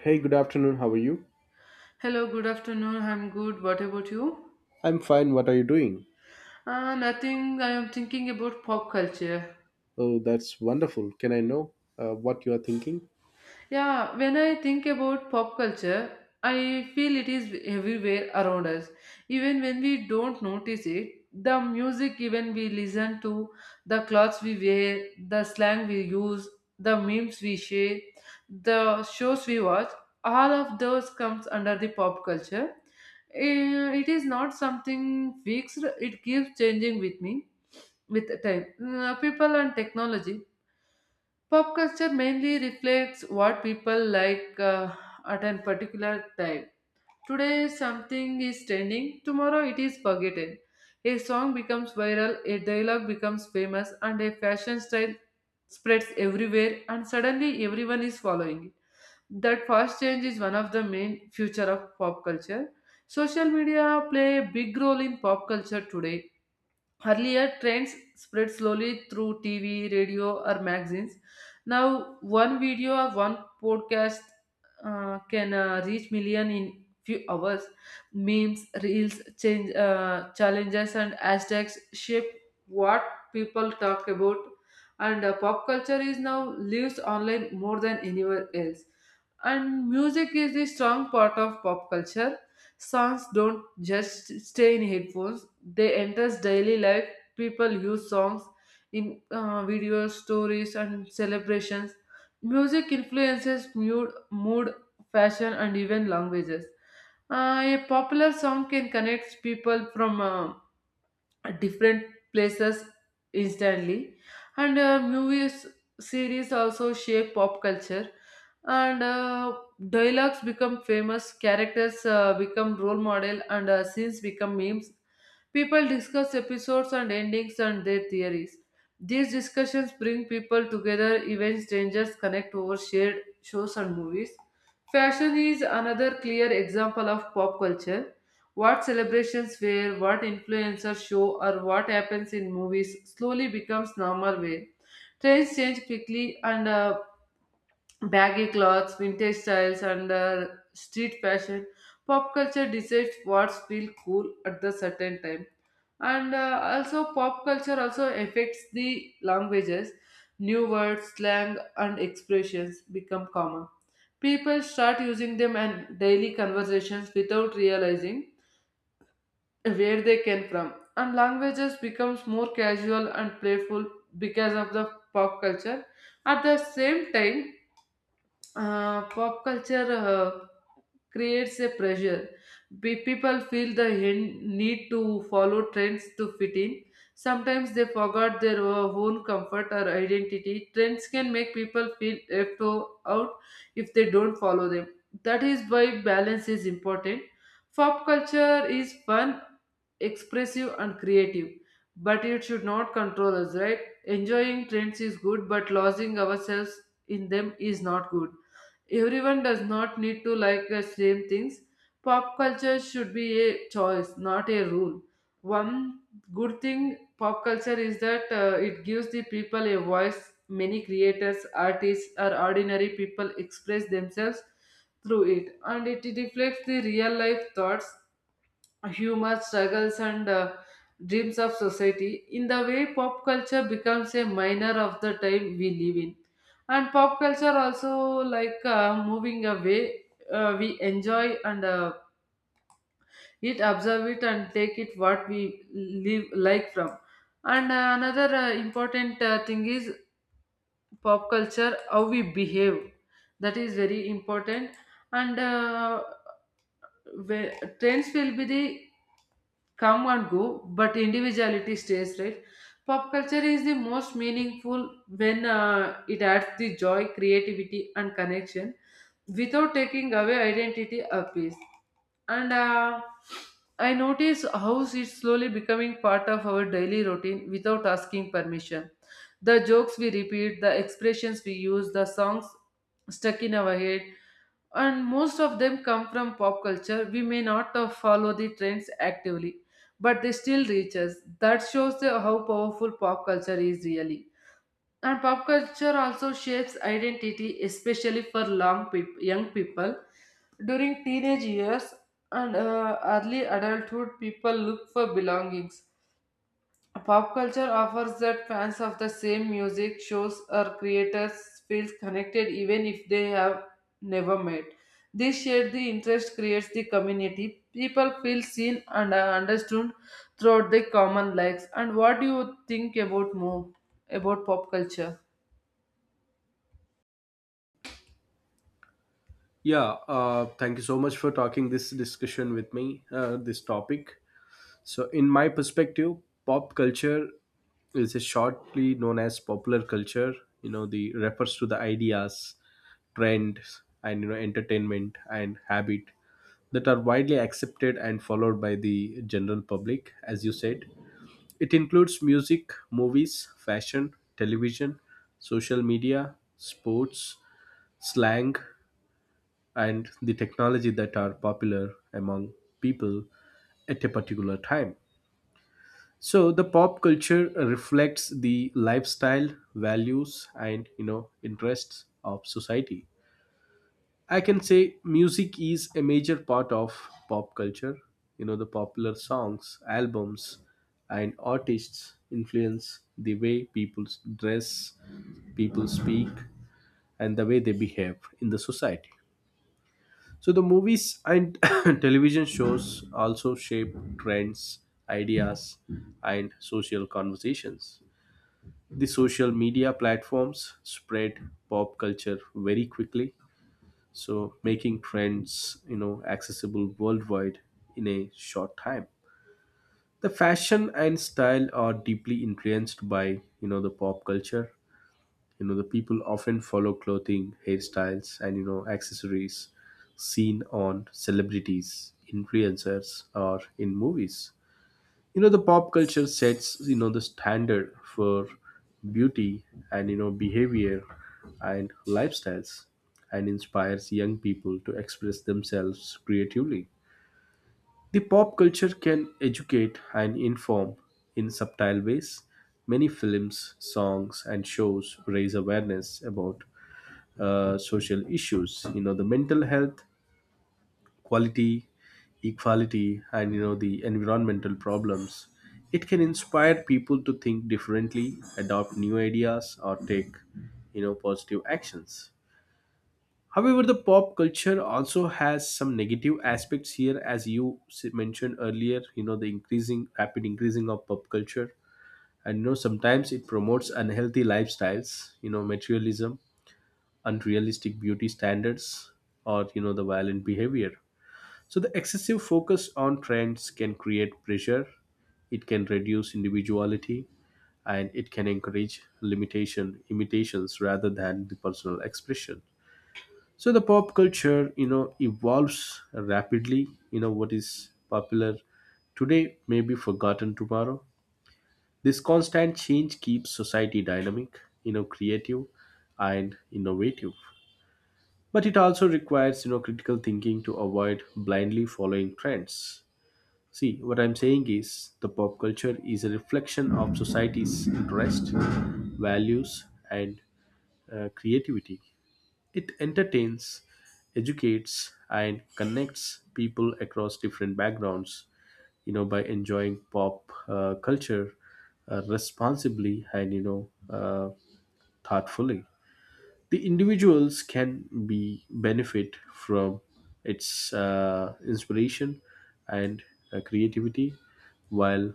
Hey, good afternoon. How are you? Hello, good afternoon. I'm good. What about you? I'm fine. What are you doing? Nothing. I am thinking about pop culture. Oh, that's wonderful. Can I know what you are thinking? Yeah, when I think about pop culture, I feel it is everywhere around us. Even when we don't notice it, the music even we listen to, the clothes we wear, the slang we use, the memes we share, the shows we watch, all of those comes under the pop culture. It is not something fixed. It keeps changing with me with time, people and technology. Pop culture mainly reflects what people like at a particular time. Today, something is trending, tomorrow, it is forgotten. A song becomes viral, a dialogue becomes famous, and a fashion style spreads everywhere, and suddenly everyone is following it. That fast change is one of the main future of pop culture. Social media play a big role in pop culture today. Earlier, trends spread slowly through TV, radio, or magazines. Now, one video or one podcast can reach million in few hours. Memes, reels, change challenges, and hashtags shape what people talk about. And Pop culture is now lives online more than anywhere else. And music is the strong part of pop culture. Songs don't just stay in headphones, they enter daily life. People use songs in videos, stories, and celebrations. Music influences mood, fashion, and even languages. A popular song can connect people from at different places instantly and movies series also shape pop culture and dialogues become famous, characters become role model, and scenes become memes. People discuss episodes and endings and their theories. These discussions bring people together, even strangers connect over shared shows and movies. Fashion is another clear example of pop culture. What celebrations wear, what influencers show, or what happens in movies slowly becomes normal wear. Trends change quickly, and baggy clothes, vintage styles, and street fashion. Pop culture decides what feels cool at the certain time. And also, pop culture also affects the languages. New words, slang, and expressions become common. People start using them in daily conversations without realizing where they came from, and languages becomes more casual and playful because of the pop culture. At the same time, pop culture creates a pressure. People feel the need to follow trends to fit in. Sometimes they forgot their own comfort or identity. Trends can make people feel left out if they don't follow them. That is why balance is important. Pop culture is fun, expressive and creative, but it should not control us, right? Enjoying trends is good, but losing ourselves in them is not good. Everyone does not need to like the same things. Pop culture should be a choice, not a rule. One good thing pop culture is that it gives the people a voice. Many creators, artists, or ordinary people express themselves through it, and it reflects the real life thoughts, humor, struggles, and dreams of society. In the way, pop culture becomes a minor of the time we live in, and pop culture also like moving away. We enjoy and it, observe it, and take it what we live like from. And another important thing is pop culture, how we behave. That is very important. And Where trends will be the come and go, but individuality stays, right? Pop culture is the most meaningful when it adds the joy, creativity, and connection without taking away identity or peace. And I notice how it's slowly becoming part of our daily routine without asking permission. The jokes we repeat, the expressions we use, the songs stuck in our head, and most of them come from pop culture. We may not follow the trends actively, but they still reach us. That shows the, how powerful pop culture is really. And pop culture also shapes identity, especially for long young people. During teenage years and early adulthood, people look for belongings. Pop culture offers that. Fans of the same music, shows or creators feel connected even if they have never met. This shared the interest creates the community. People feel seen and are understood throughout their common likes. And what do you think about more about pop culture? Yeah, thank you so much for talking this discussion with me, this topic. So, in my perspective, pop culture is a shortly known as popular culture. You know, the refers to the ideas, trends, and, you know, entertainment and habit that are widely accepted and followed by the general public, as you said. It includes music, movies, fashion, television, social media, sports, slang, and the technology that are popular among people at a particular time. So the pop culture reflects the lifestyle, values, and, you know, interests of society. I can say music is a major part of pop culture. You know, the popular songs, albums, and artists influence the way people dress, people speak, and the way they behave in the society. So, the movies and television shows also shape trends, ideas, and social conversations. The social media platforms spread pop culture very quickly, so making trends, you know, accessible worldwide in a short time. The fashion and style are deeply influenced by, you know, the pop culture. You know, the people often follow clothing, hairstyles, and, you know, accessories seen on celebrities, influencers, or in movies. You know, the pop culture sets, you know, the standard for beauty, and, you know, behavior and lifestyles, and inspires young people to express themselves creatively. The pop culture can educate and inform in subtle ways. Many films, songs, and shows raise awareness about social issues, you know, the mental health, quality, equality, and, you know, the environmental problems. It can inspire people to think differently, adopt new ideas, or take, you know, positive actions. However, the pop culture also has some negative aspects here, as you mentioned earlier. You know the increasing, rapid increasing of pop culture, and, you know, sometimes it promotes unhealthy lifestyles. You know, materialism, unrealistic beauty standards, or, you know, the violent behavior. So, the excessive focus on trends can create pressure, it can reduce individuality, and it can encourage limitation, imitations rather than the personal expression. So, the pop culture, you know, evolves rapidly. You know, what is popular today may be forgotten tomorrow. This constant change keeps society dynamic, you know, creative and innovative. But it also requires, you know, critical thinking to avoid blindly following trends. See, what I'm saying is the pop culture is a reflection of society's interest, values, and creativity. It entertains, educates, and connects people across different backgrounds. You know, by enjoying pop culture responsibly and, you know, thoughtfully, the individuals can be benefit from its inspiration and creativity while,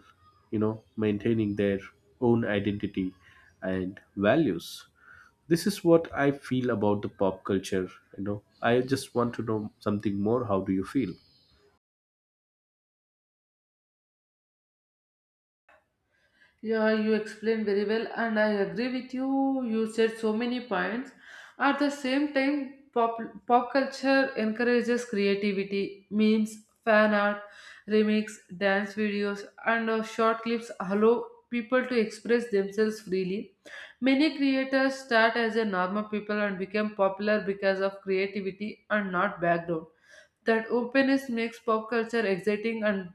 you know, maintaining their own identity and values. This is what I feel about the pop culture. You know, I just want to know something more. How do you feel? Yeah, you explained very well, and I agree with you. You said so many points. At the same time, pop culture encourages creativity, memes, fan art, remix, dance videos, and short clips allow people to express themselves freely. Many creators start as a normal people and become popular because of creativity and not background. That openness makes pop culture exciting and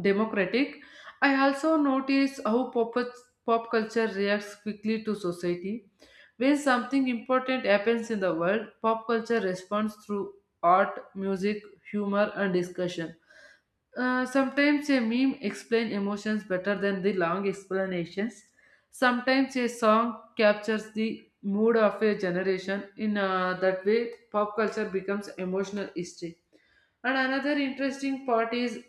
democratic. I also notice how pop culture reacts quickly to society. When something important happens in the world, pop culture responds through art, music, humor, and discussion. Sometimes a meme explains emotions better than the long explanations. Sometimes a song captures the mood of a generation. In that way, pop culture becomes emotional history. And another interesting part is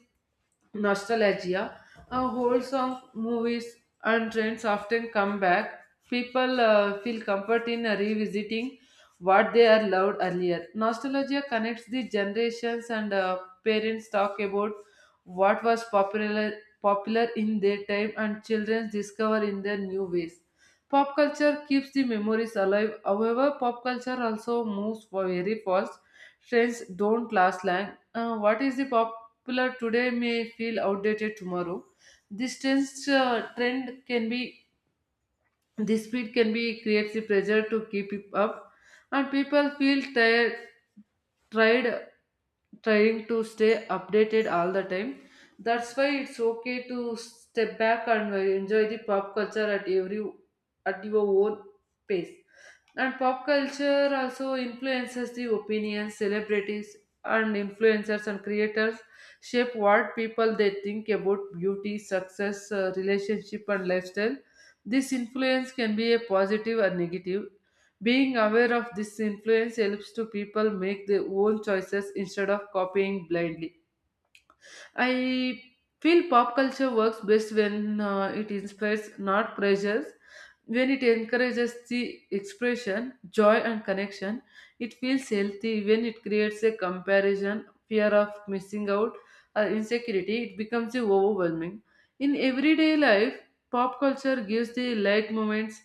nostalgia. Whole song, movies and trends often come back. People feel comfort in revisiting what they are loved earlier. Nostalgia connects the generations, and parents talk about what was popular in their time, and children discover in their new ways. Pop culture keeps the memories alive. However, pop culture also moves very fast. Trends don't last long. What is the popular today may feel outdated tomorrow. This trends, uh, trend can be this speed can be creates the pressure to keep it up, and people feel tired, tried trying to stay updated all the time. That's why it's okay to step back and enjoy the pop culture at every at your own pace. And pop culture also influences the opinions, celebrities, and influencers and creators shape what people they think about beauty, success, relationship, and lifestyle. This influence can be a positive or negative. Being aware of this influence helps to people make their own choices instead of copying blindly. I feel pop culture works best when it inspires, not pressures. When it encourages the expression, joy, and connection, it feels healthy. When it creates a comparison, fear of missing out, or insecurity, it becomes overwhelming. In everyday life, pop culture gives the light moments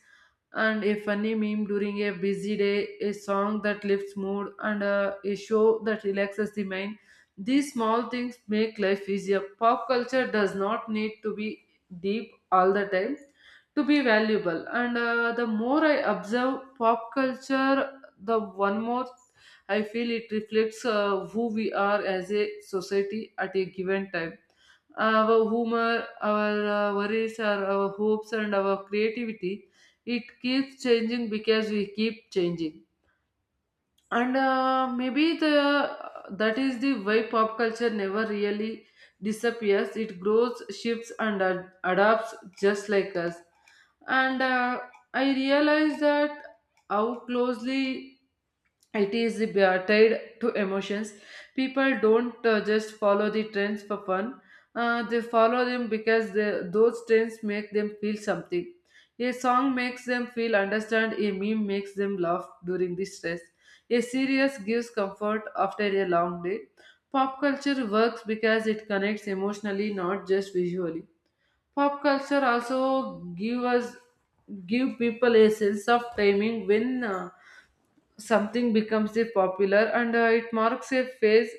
and a funny meme during a busy day, a song that lifts mood, and a show that relaxes the mind. These small things make life easier. Pop culture does not need to be deep all the time to be valuable, and the more I observe pop culture, the one more I feel it reflects who we are as a society at a given time, our humor, our worries, our hopes and our creativity. It keeps changing because we keep changing, and maybe the that is the way pop culture never really disappears. It grows, shifts and adapts, just like us. And uh, i realized that how closely it is tied to emotions. People don't just follow the trends for fun. They follow them because those trends make them feel something. A song makes them feel understand, a meme makes them laugh during the stress, a series gives comfort after a long day. Pop culture works because it connects emotionally, not just visually. Pop culture also give us give people a sense of timing when something becomes the popular, and it marks a phase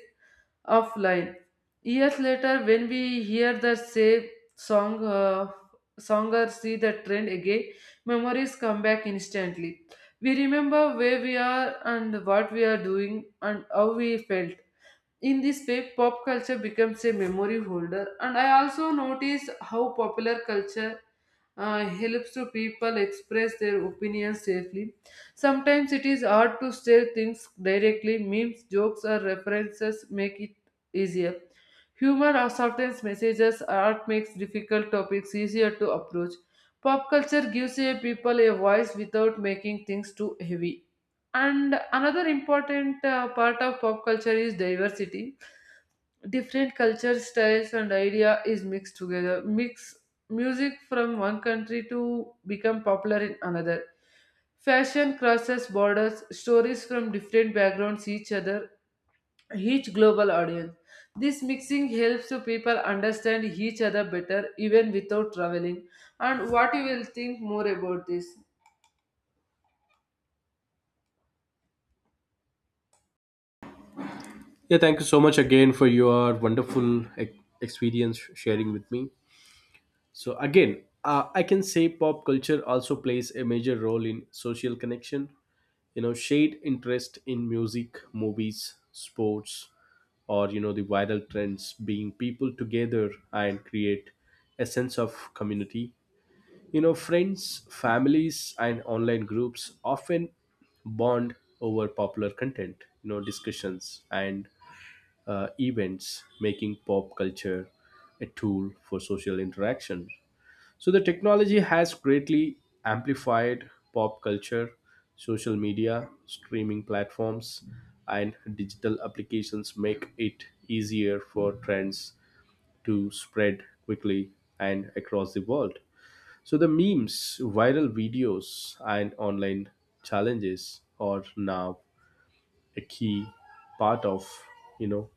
of life. Years later, when we hear the same song, uh, song or see the trend again, memories come back instantly. We remember where we are and what we are doing and how we felt. In this way, pop culture becomes a memory holder, and I also notice how popular culture helps to people express their opinions safely. Sometimes it is hard to say things directly, memes, jokes, or references make it easier. Humor or sometimes messages or art makes difficult topics easier to approach. Pop culture gives a people a voice without making things too heavy. And another important part of pop culture is diversity. Different culture styles and idea is mixed together. Mix music from one country to become popular in another. Fashion crosses borders, stories from different backgrounds each other, each global audience. This mixing helps to people understand each other better even without traveling. And what you will think more about this? Yeah, thank you so much again for your wonderful e- experience sharing with me. So again, I can say pop culture also plays a major role in social connection. You know, shared interest in music, movies, sports, or, you know, the viral trends, being people together and create a sense of community. You know, friends, families, and online groups often bond over popular content. You know, discussions and events, making pop culture a tool for social interaction. So the technology has greatly amplified pop culture, social media, streaming platforms, and digital applications make it easier for trends to spread quickly and across the world. So the memes, viral videos, and online challenges are now a key part of, you know,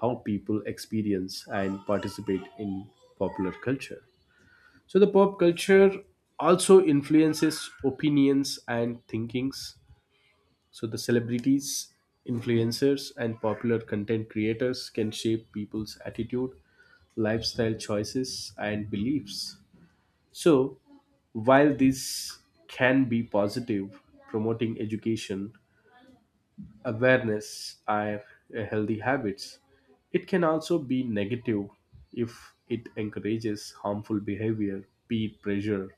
how people experience and participate in popular culture. So the pop culture also influences opinions and thinkings. So the celebrities, influencers, and popular content creators can shape people's attitude, lifestyle choices, and beliefs. So while this can be positive, promoting education, awareness, and healthy habits. It can also be negative if it encourages harmful behavior, peer pressure,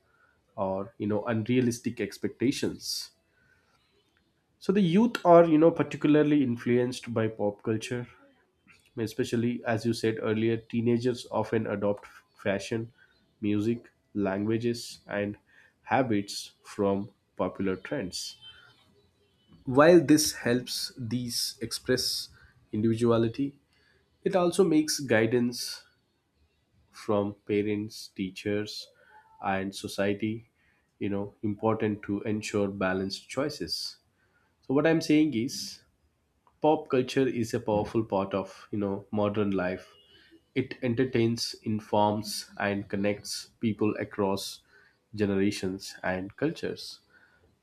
or, you know, unrealistic expectations. So the youth are, you know, particularly influenced by pop culture, especially as you said earlier. Teenagers often adopt fashion, music, languages, and habits from popular trends. While this helps these express individuality, it also makes guidance from parents, teachers, and society, you know, important to ensure balanced choices. So what I'm saying is pop culture is a powerful part of, you know, modern life. It entertains, informs, and connects people across generations and cultures.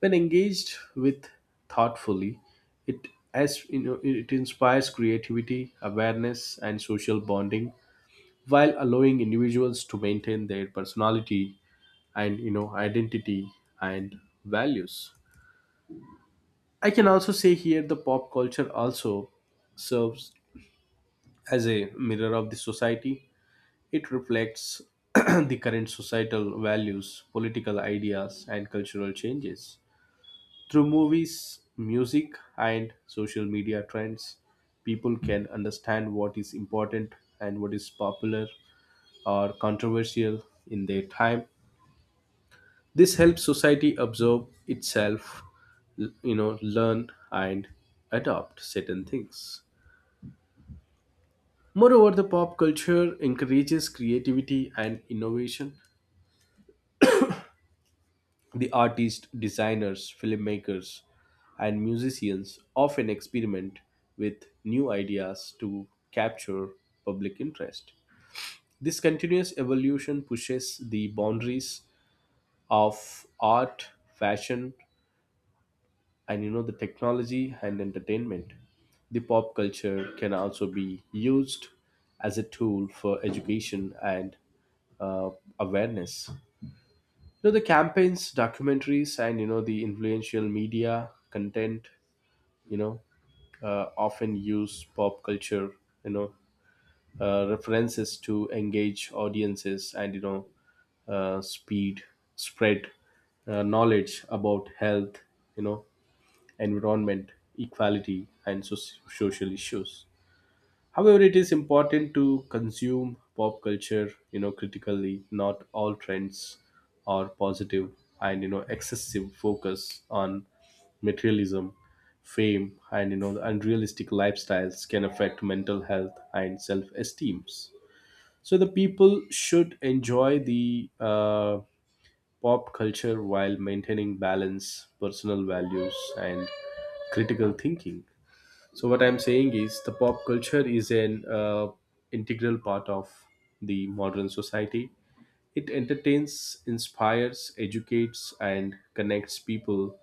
When engaged with thoughtfully, it, as you know, it inspires creativity, awareness, and social bonding while allowing individuals to maintain their personality and, you know, identity and values. I can also say here the pop culture also serves as a mirror of the society. It reflects the current societal values, political ideas, and cultural changes. Through movies, music, and social media trends, people can understand what is important and what is popular or controversial in their time. This helps society observe itself, you know, learn and adopt certain things. Moreover, the pop culture encourages creativity and innovation. The artists, designers, filmmakers, and musicians often experiment with new ideas to capture public interest. This continuous evolution pushes the boundaries of art, fashion, and, you know, the technology and entertainment. The pop culture can also be used as a tool for education and uh, awareness. You know, the campaigns, documentaries, and, you know, the influential media content, you know, often use pop culture, you know, references to engage audiences and, you know, speed, spread knowledge about health, you know, environment, equality, and social issues. However, it is important to consume pop culture, you know, critically. Not all trends are positive, and, you know, excessive focus on materialism, fame, and, you know, the unrealistic lifestyles can affect mental health and self-esteem. So the people should enjoy the pop culture while maintaining balance, personal values, and critical thinking. So what I'm saying is the pop culture is an integral part of the modern society. It entertains, inspires, educates, and connects people.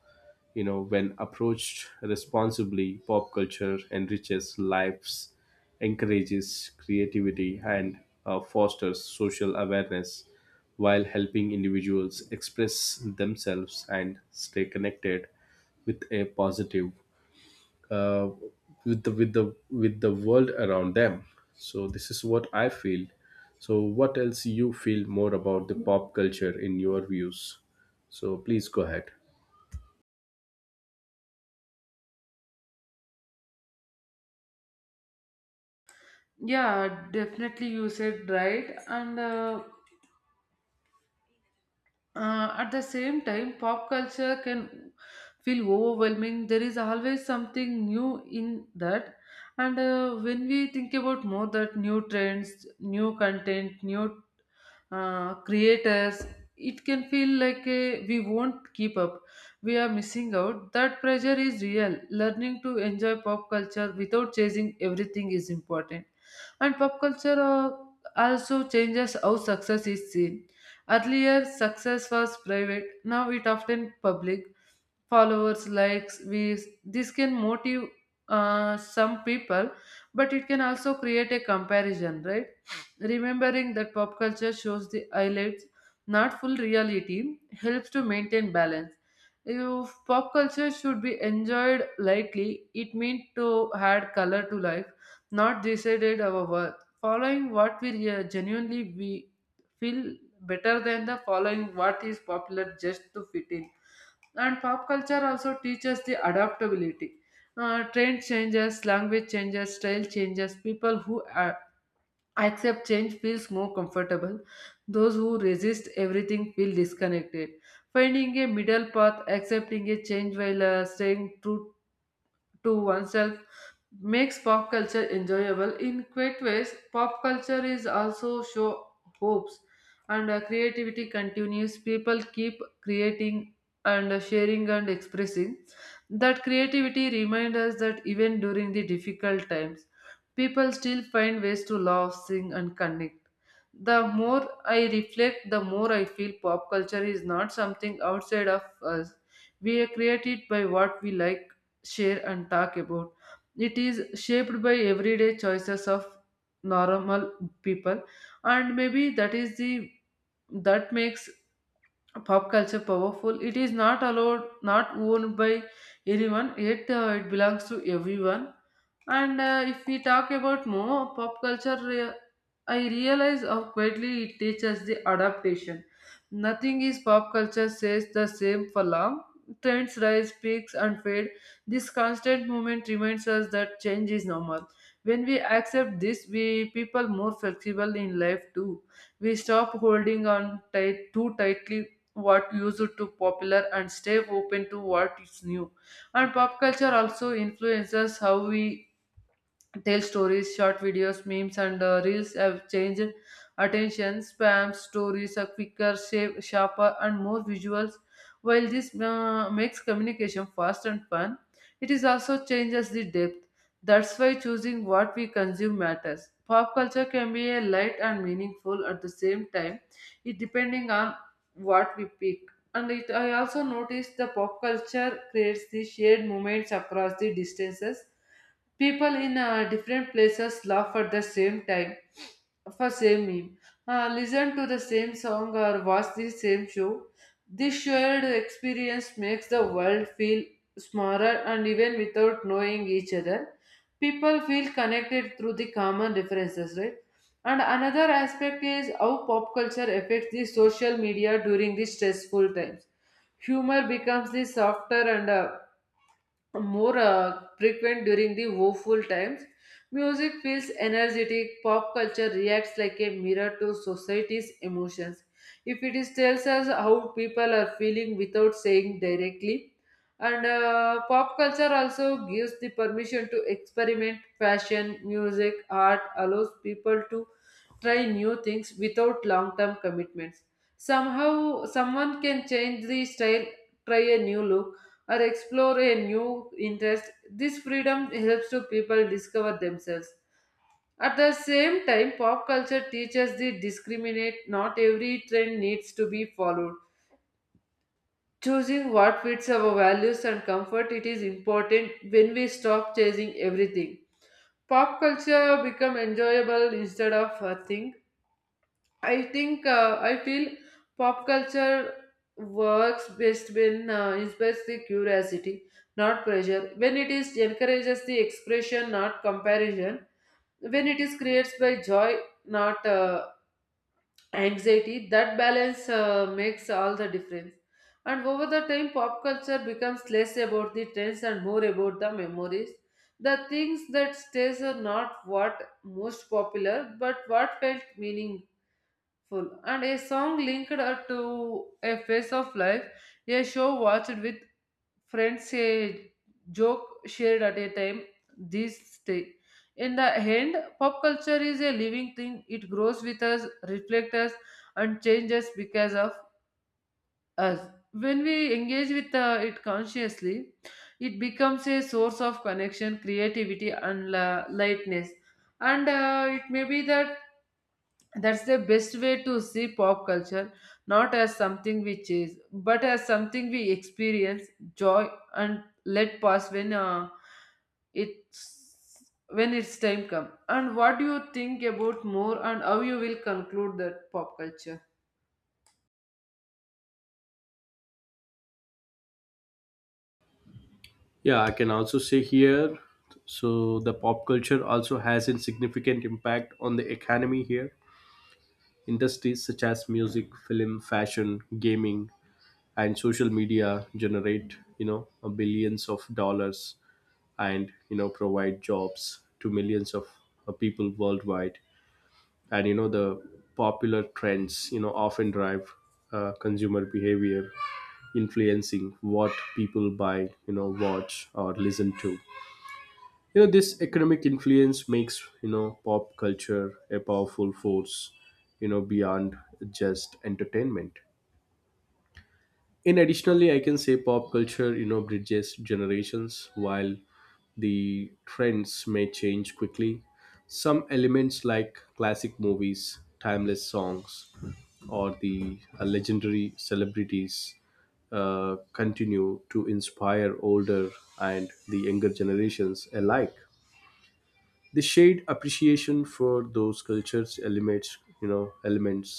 You know, when approached responsibly, pop culture enriches lives, encourages creativity, and fosters social awareness while helping individuals express themselves and stay connected with a positive uh, with the with the with the world around them. So this is what I feel. So what else you feel more about the pop culture in your views? So please go ahead. Yeah, definitely you said right. And at the same time, pop culture can feel overwhelming. There is always something new in that. And When we think about more that new trends, new content, new creators, it can feel like a, we won't keep up, we are missing out. That pressure is real. Learning to enjoy pop culture without chasing everything is important. And pop culture also changes how success is seen. Earlier success was private, now it often public: followers, likes, views. This can motive some people, but it can also create a comparison, right? Remembering that pop culture shows the highlights, not full reality, helps to maintain balance. If pop culture should be enjoyed lightly, it means to add color to life, not decided our worth. Following what we genuinely we feel better than the following what is popular just to fit in. And pop culture also teaches the adaptability. Trend changes, language changes, style changes. People who accept change feels more comfortable. Those who resist everything feel disconnected. Finding a middle path, accepting a change while staying true to oneself makes pop culture enjoyable in great ways. Pop culture is also show hopes, and creativity continues. People keep creating and sharing and expressing. That creativity reminds us that even during the difficult times, people still find ways to laugh, sing, and connect. The more I reflect, the more I feel pop culture is not something outside of us. We create it by what we like, share and talk about. It is shaped by everyday choices of normal people, and maybe that is the that makes pop culture powerful. It is not allowed, not owned by anyone, yet it belongs to everyone. And If we talk about more pop culture, I realize how quietly it teaches the adaptation. Nothing is pop culture says the same for long. Trends rise, peaks, and fade. This constant movement reminds us that change is normal. When we accept this, we people more flexible in life too. We stop holding on tight too tightly what used to popular and stay open to what is new. And pop culture also influences how we tell stories. Short videos, memes, and reels have changed attention spam. Stories are quicker, shape, sharper, and more visuals. While this makes communication fast and fun, it is also changes the depth. That's why choosing what we consume matters. Pop culture can be a light and meaningful at the same time, it depending on what we pick. And it, I also noticed the pop culture creates the shared moments across the distances. People in different places laugh at the same time for same meme, listen to the same song or watch the same show. This shared experience makes the world feel smaller, and even without knowing each other, people feel connected through the common differences, right? And another aspect is how pop culture affects the social media during the stressful times. Humor becomes the softer and more frequent during the woeful times. Music feels energetic, pop culture reacts like a mirror to society's emotions. If it is tells us how people are feeling without saying directly. And Pop culture also gives the permission to experiment. Fashion, music, art allows people to try new things without long term commitments. Somehow, someone can change the style, try a new look, or explore a new interest. This freedom helps to people discover themselves. At the same time, pop culture teaches the discriminate. Not every trend needs to be followed. Choosing what fits our values and comfort it is important when we stop chasing everything. Pop culture become enjoyable instead of a thing. I think I feel pop culture works best when inspires the curiosity, not pressure. When it is encourages the expression, not comparison. When it is creates by joy, not anxiety. That balance makes all the difference. And over the time, pop culture becomes less about the trends and more about the memories. The things that stays are not what most popular, but what felt meaning full. And a song linked to a phase of life, a show watched with friends, a joke shared at a time, these stay in the end. Pop culture is a living thing, it grows with us, reflects us, and changes because of us. When we engage with it consciously, it becomes a source of connection, creativity, and lightness. And It may be that that's the best way to see pop culture, not as something we chase, but as something we experience, joy, and let pass when it's when its time come. And what do you think about more, and how you will conclude that pop culture? Yeah, I can also say here, so the pop culture also has a significant impact on the economy here. Industries such as music, film, fashion, gaming, and social media generate, you know, billions of dollars, and, you know, provide jobs to millions of people worldwide. And, you know, the popular trends, you know, often drive consumer behavior, influencing what people buy, you know, watch, or listen to. You know, this economic influence makes, you know, pop culture a powerful force, you know, beyond just entertainment. In additionally, I can say pop culture, you know, bridges generations. While the trends may change quickly, some elements like classic movies, timeless songs, or the legendary celebrities continue to inspire older and the younger generations alike. The shared appreciation for those cultures elements, you know, elements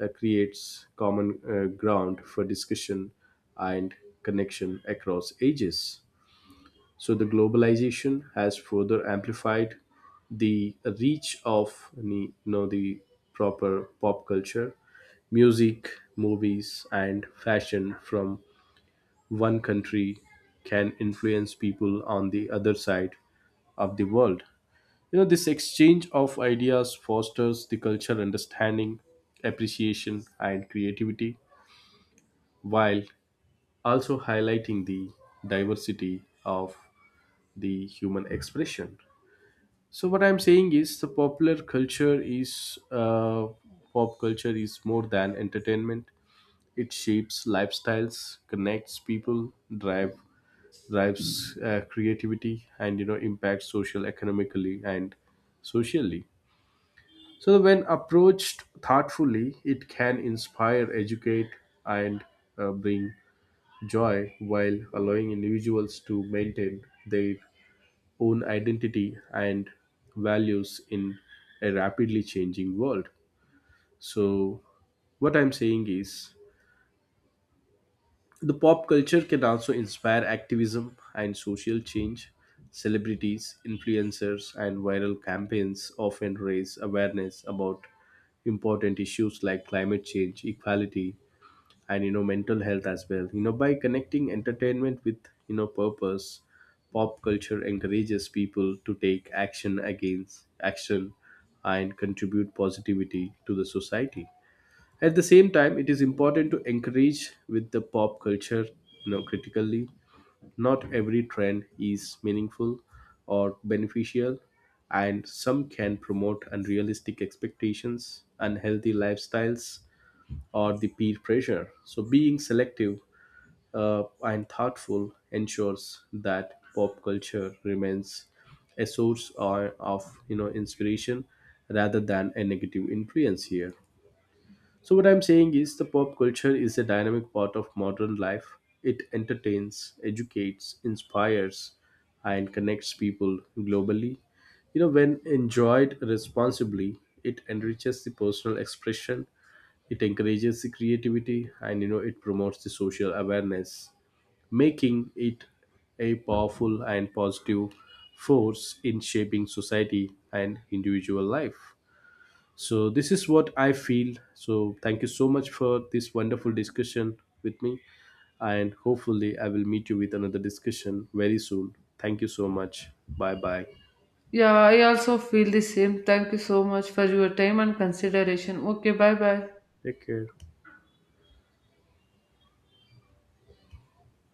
creates common ground for discussion and connection across ages. So the globalization has further amplified the reach of the, you know, the proper pop culture. Music, movies, and fashion from one country can influence people on the other side of the world. You know, this exchange of ideas fosters the cultural understanding, appreciation, and creativity while also highlighting the diversity of the human expression. So, what I'm saying is the popular culture is pop culture is more than entertainment. It shapes lifestyles, connects people, drive drives creativity, and, you know, impacts social, economically, and socially. So, when approached thoughtfully, it can inspire, educate, and bring joy while allowing individuals to maintain their own identity and values in a rapidly changing world. So, what I'm saying is, the pop culture can also inspire activism and social change. Celebrities, influencers, and viral campaigns often raise awareness about important issues like climate change, equality, and, you know, mental health as well. You know, by connecting entertainment with, you know, purpose, pop culture encourages people to take action against action and contribute positivity to the society. At the same time, it is important to encourage with the pop culture, you know, critically. Not every trend is meaningful or beneficial, and some can promote unrealistic expectations, unhealthy lifestyles, or the peer pressure. So, being selective and thoughtful ensures that pop culture remains a source or of, you know, inspiration rather than a negative influence here. So, what I'm saying is the pop culture is a dynamic part of modern life. It entertains, educates, inspires, and connects people globally. You know, when enjoyed responsibly, it enriches the personal expression, it encourages the creativity, and, you know, it promotes the social awareness, making it a powerful and positive force in shaping society and individual life. So this is what I feel. So thank you so much for this wonderful discussion with me, and hopefully I will meet you with another discussion very soon. Thank you so much. Bye bye. Yeah, I also feel the same. Thank you so much for your time and consideration. Okay, bye bye. Take care.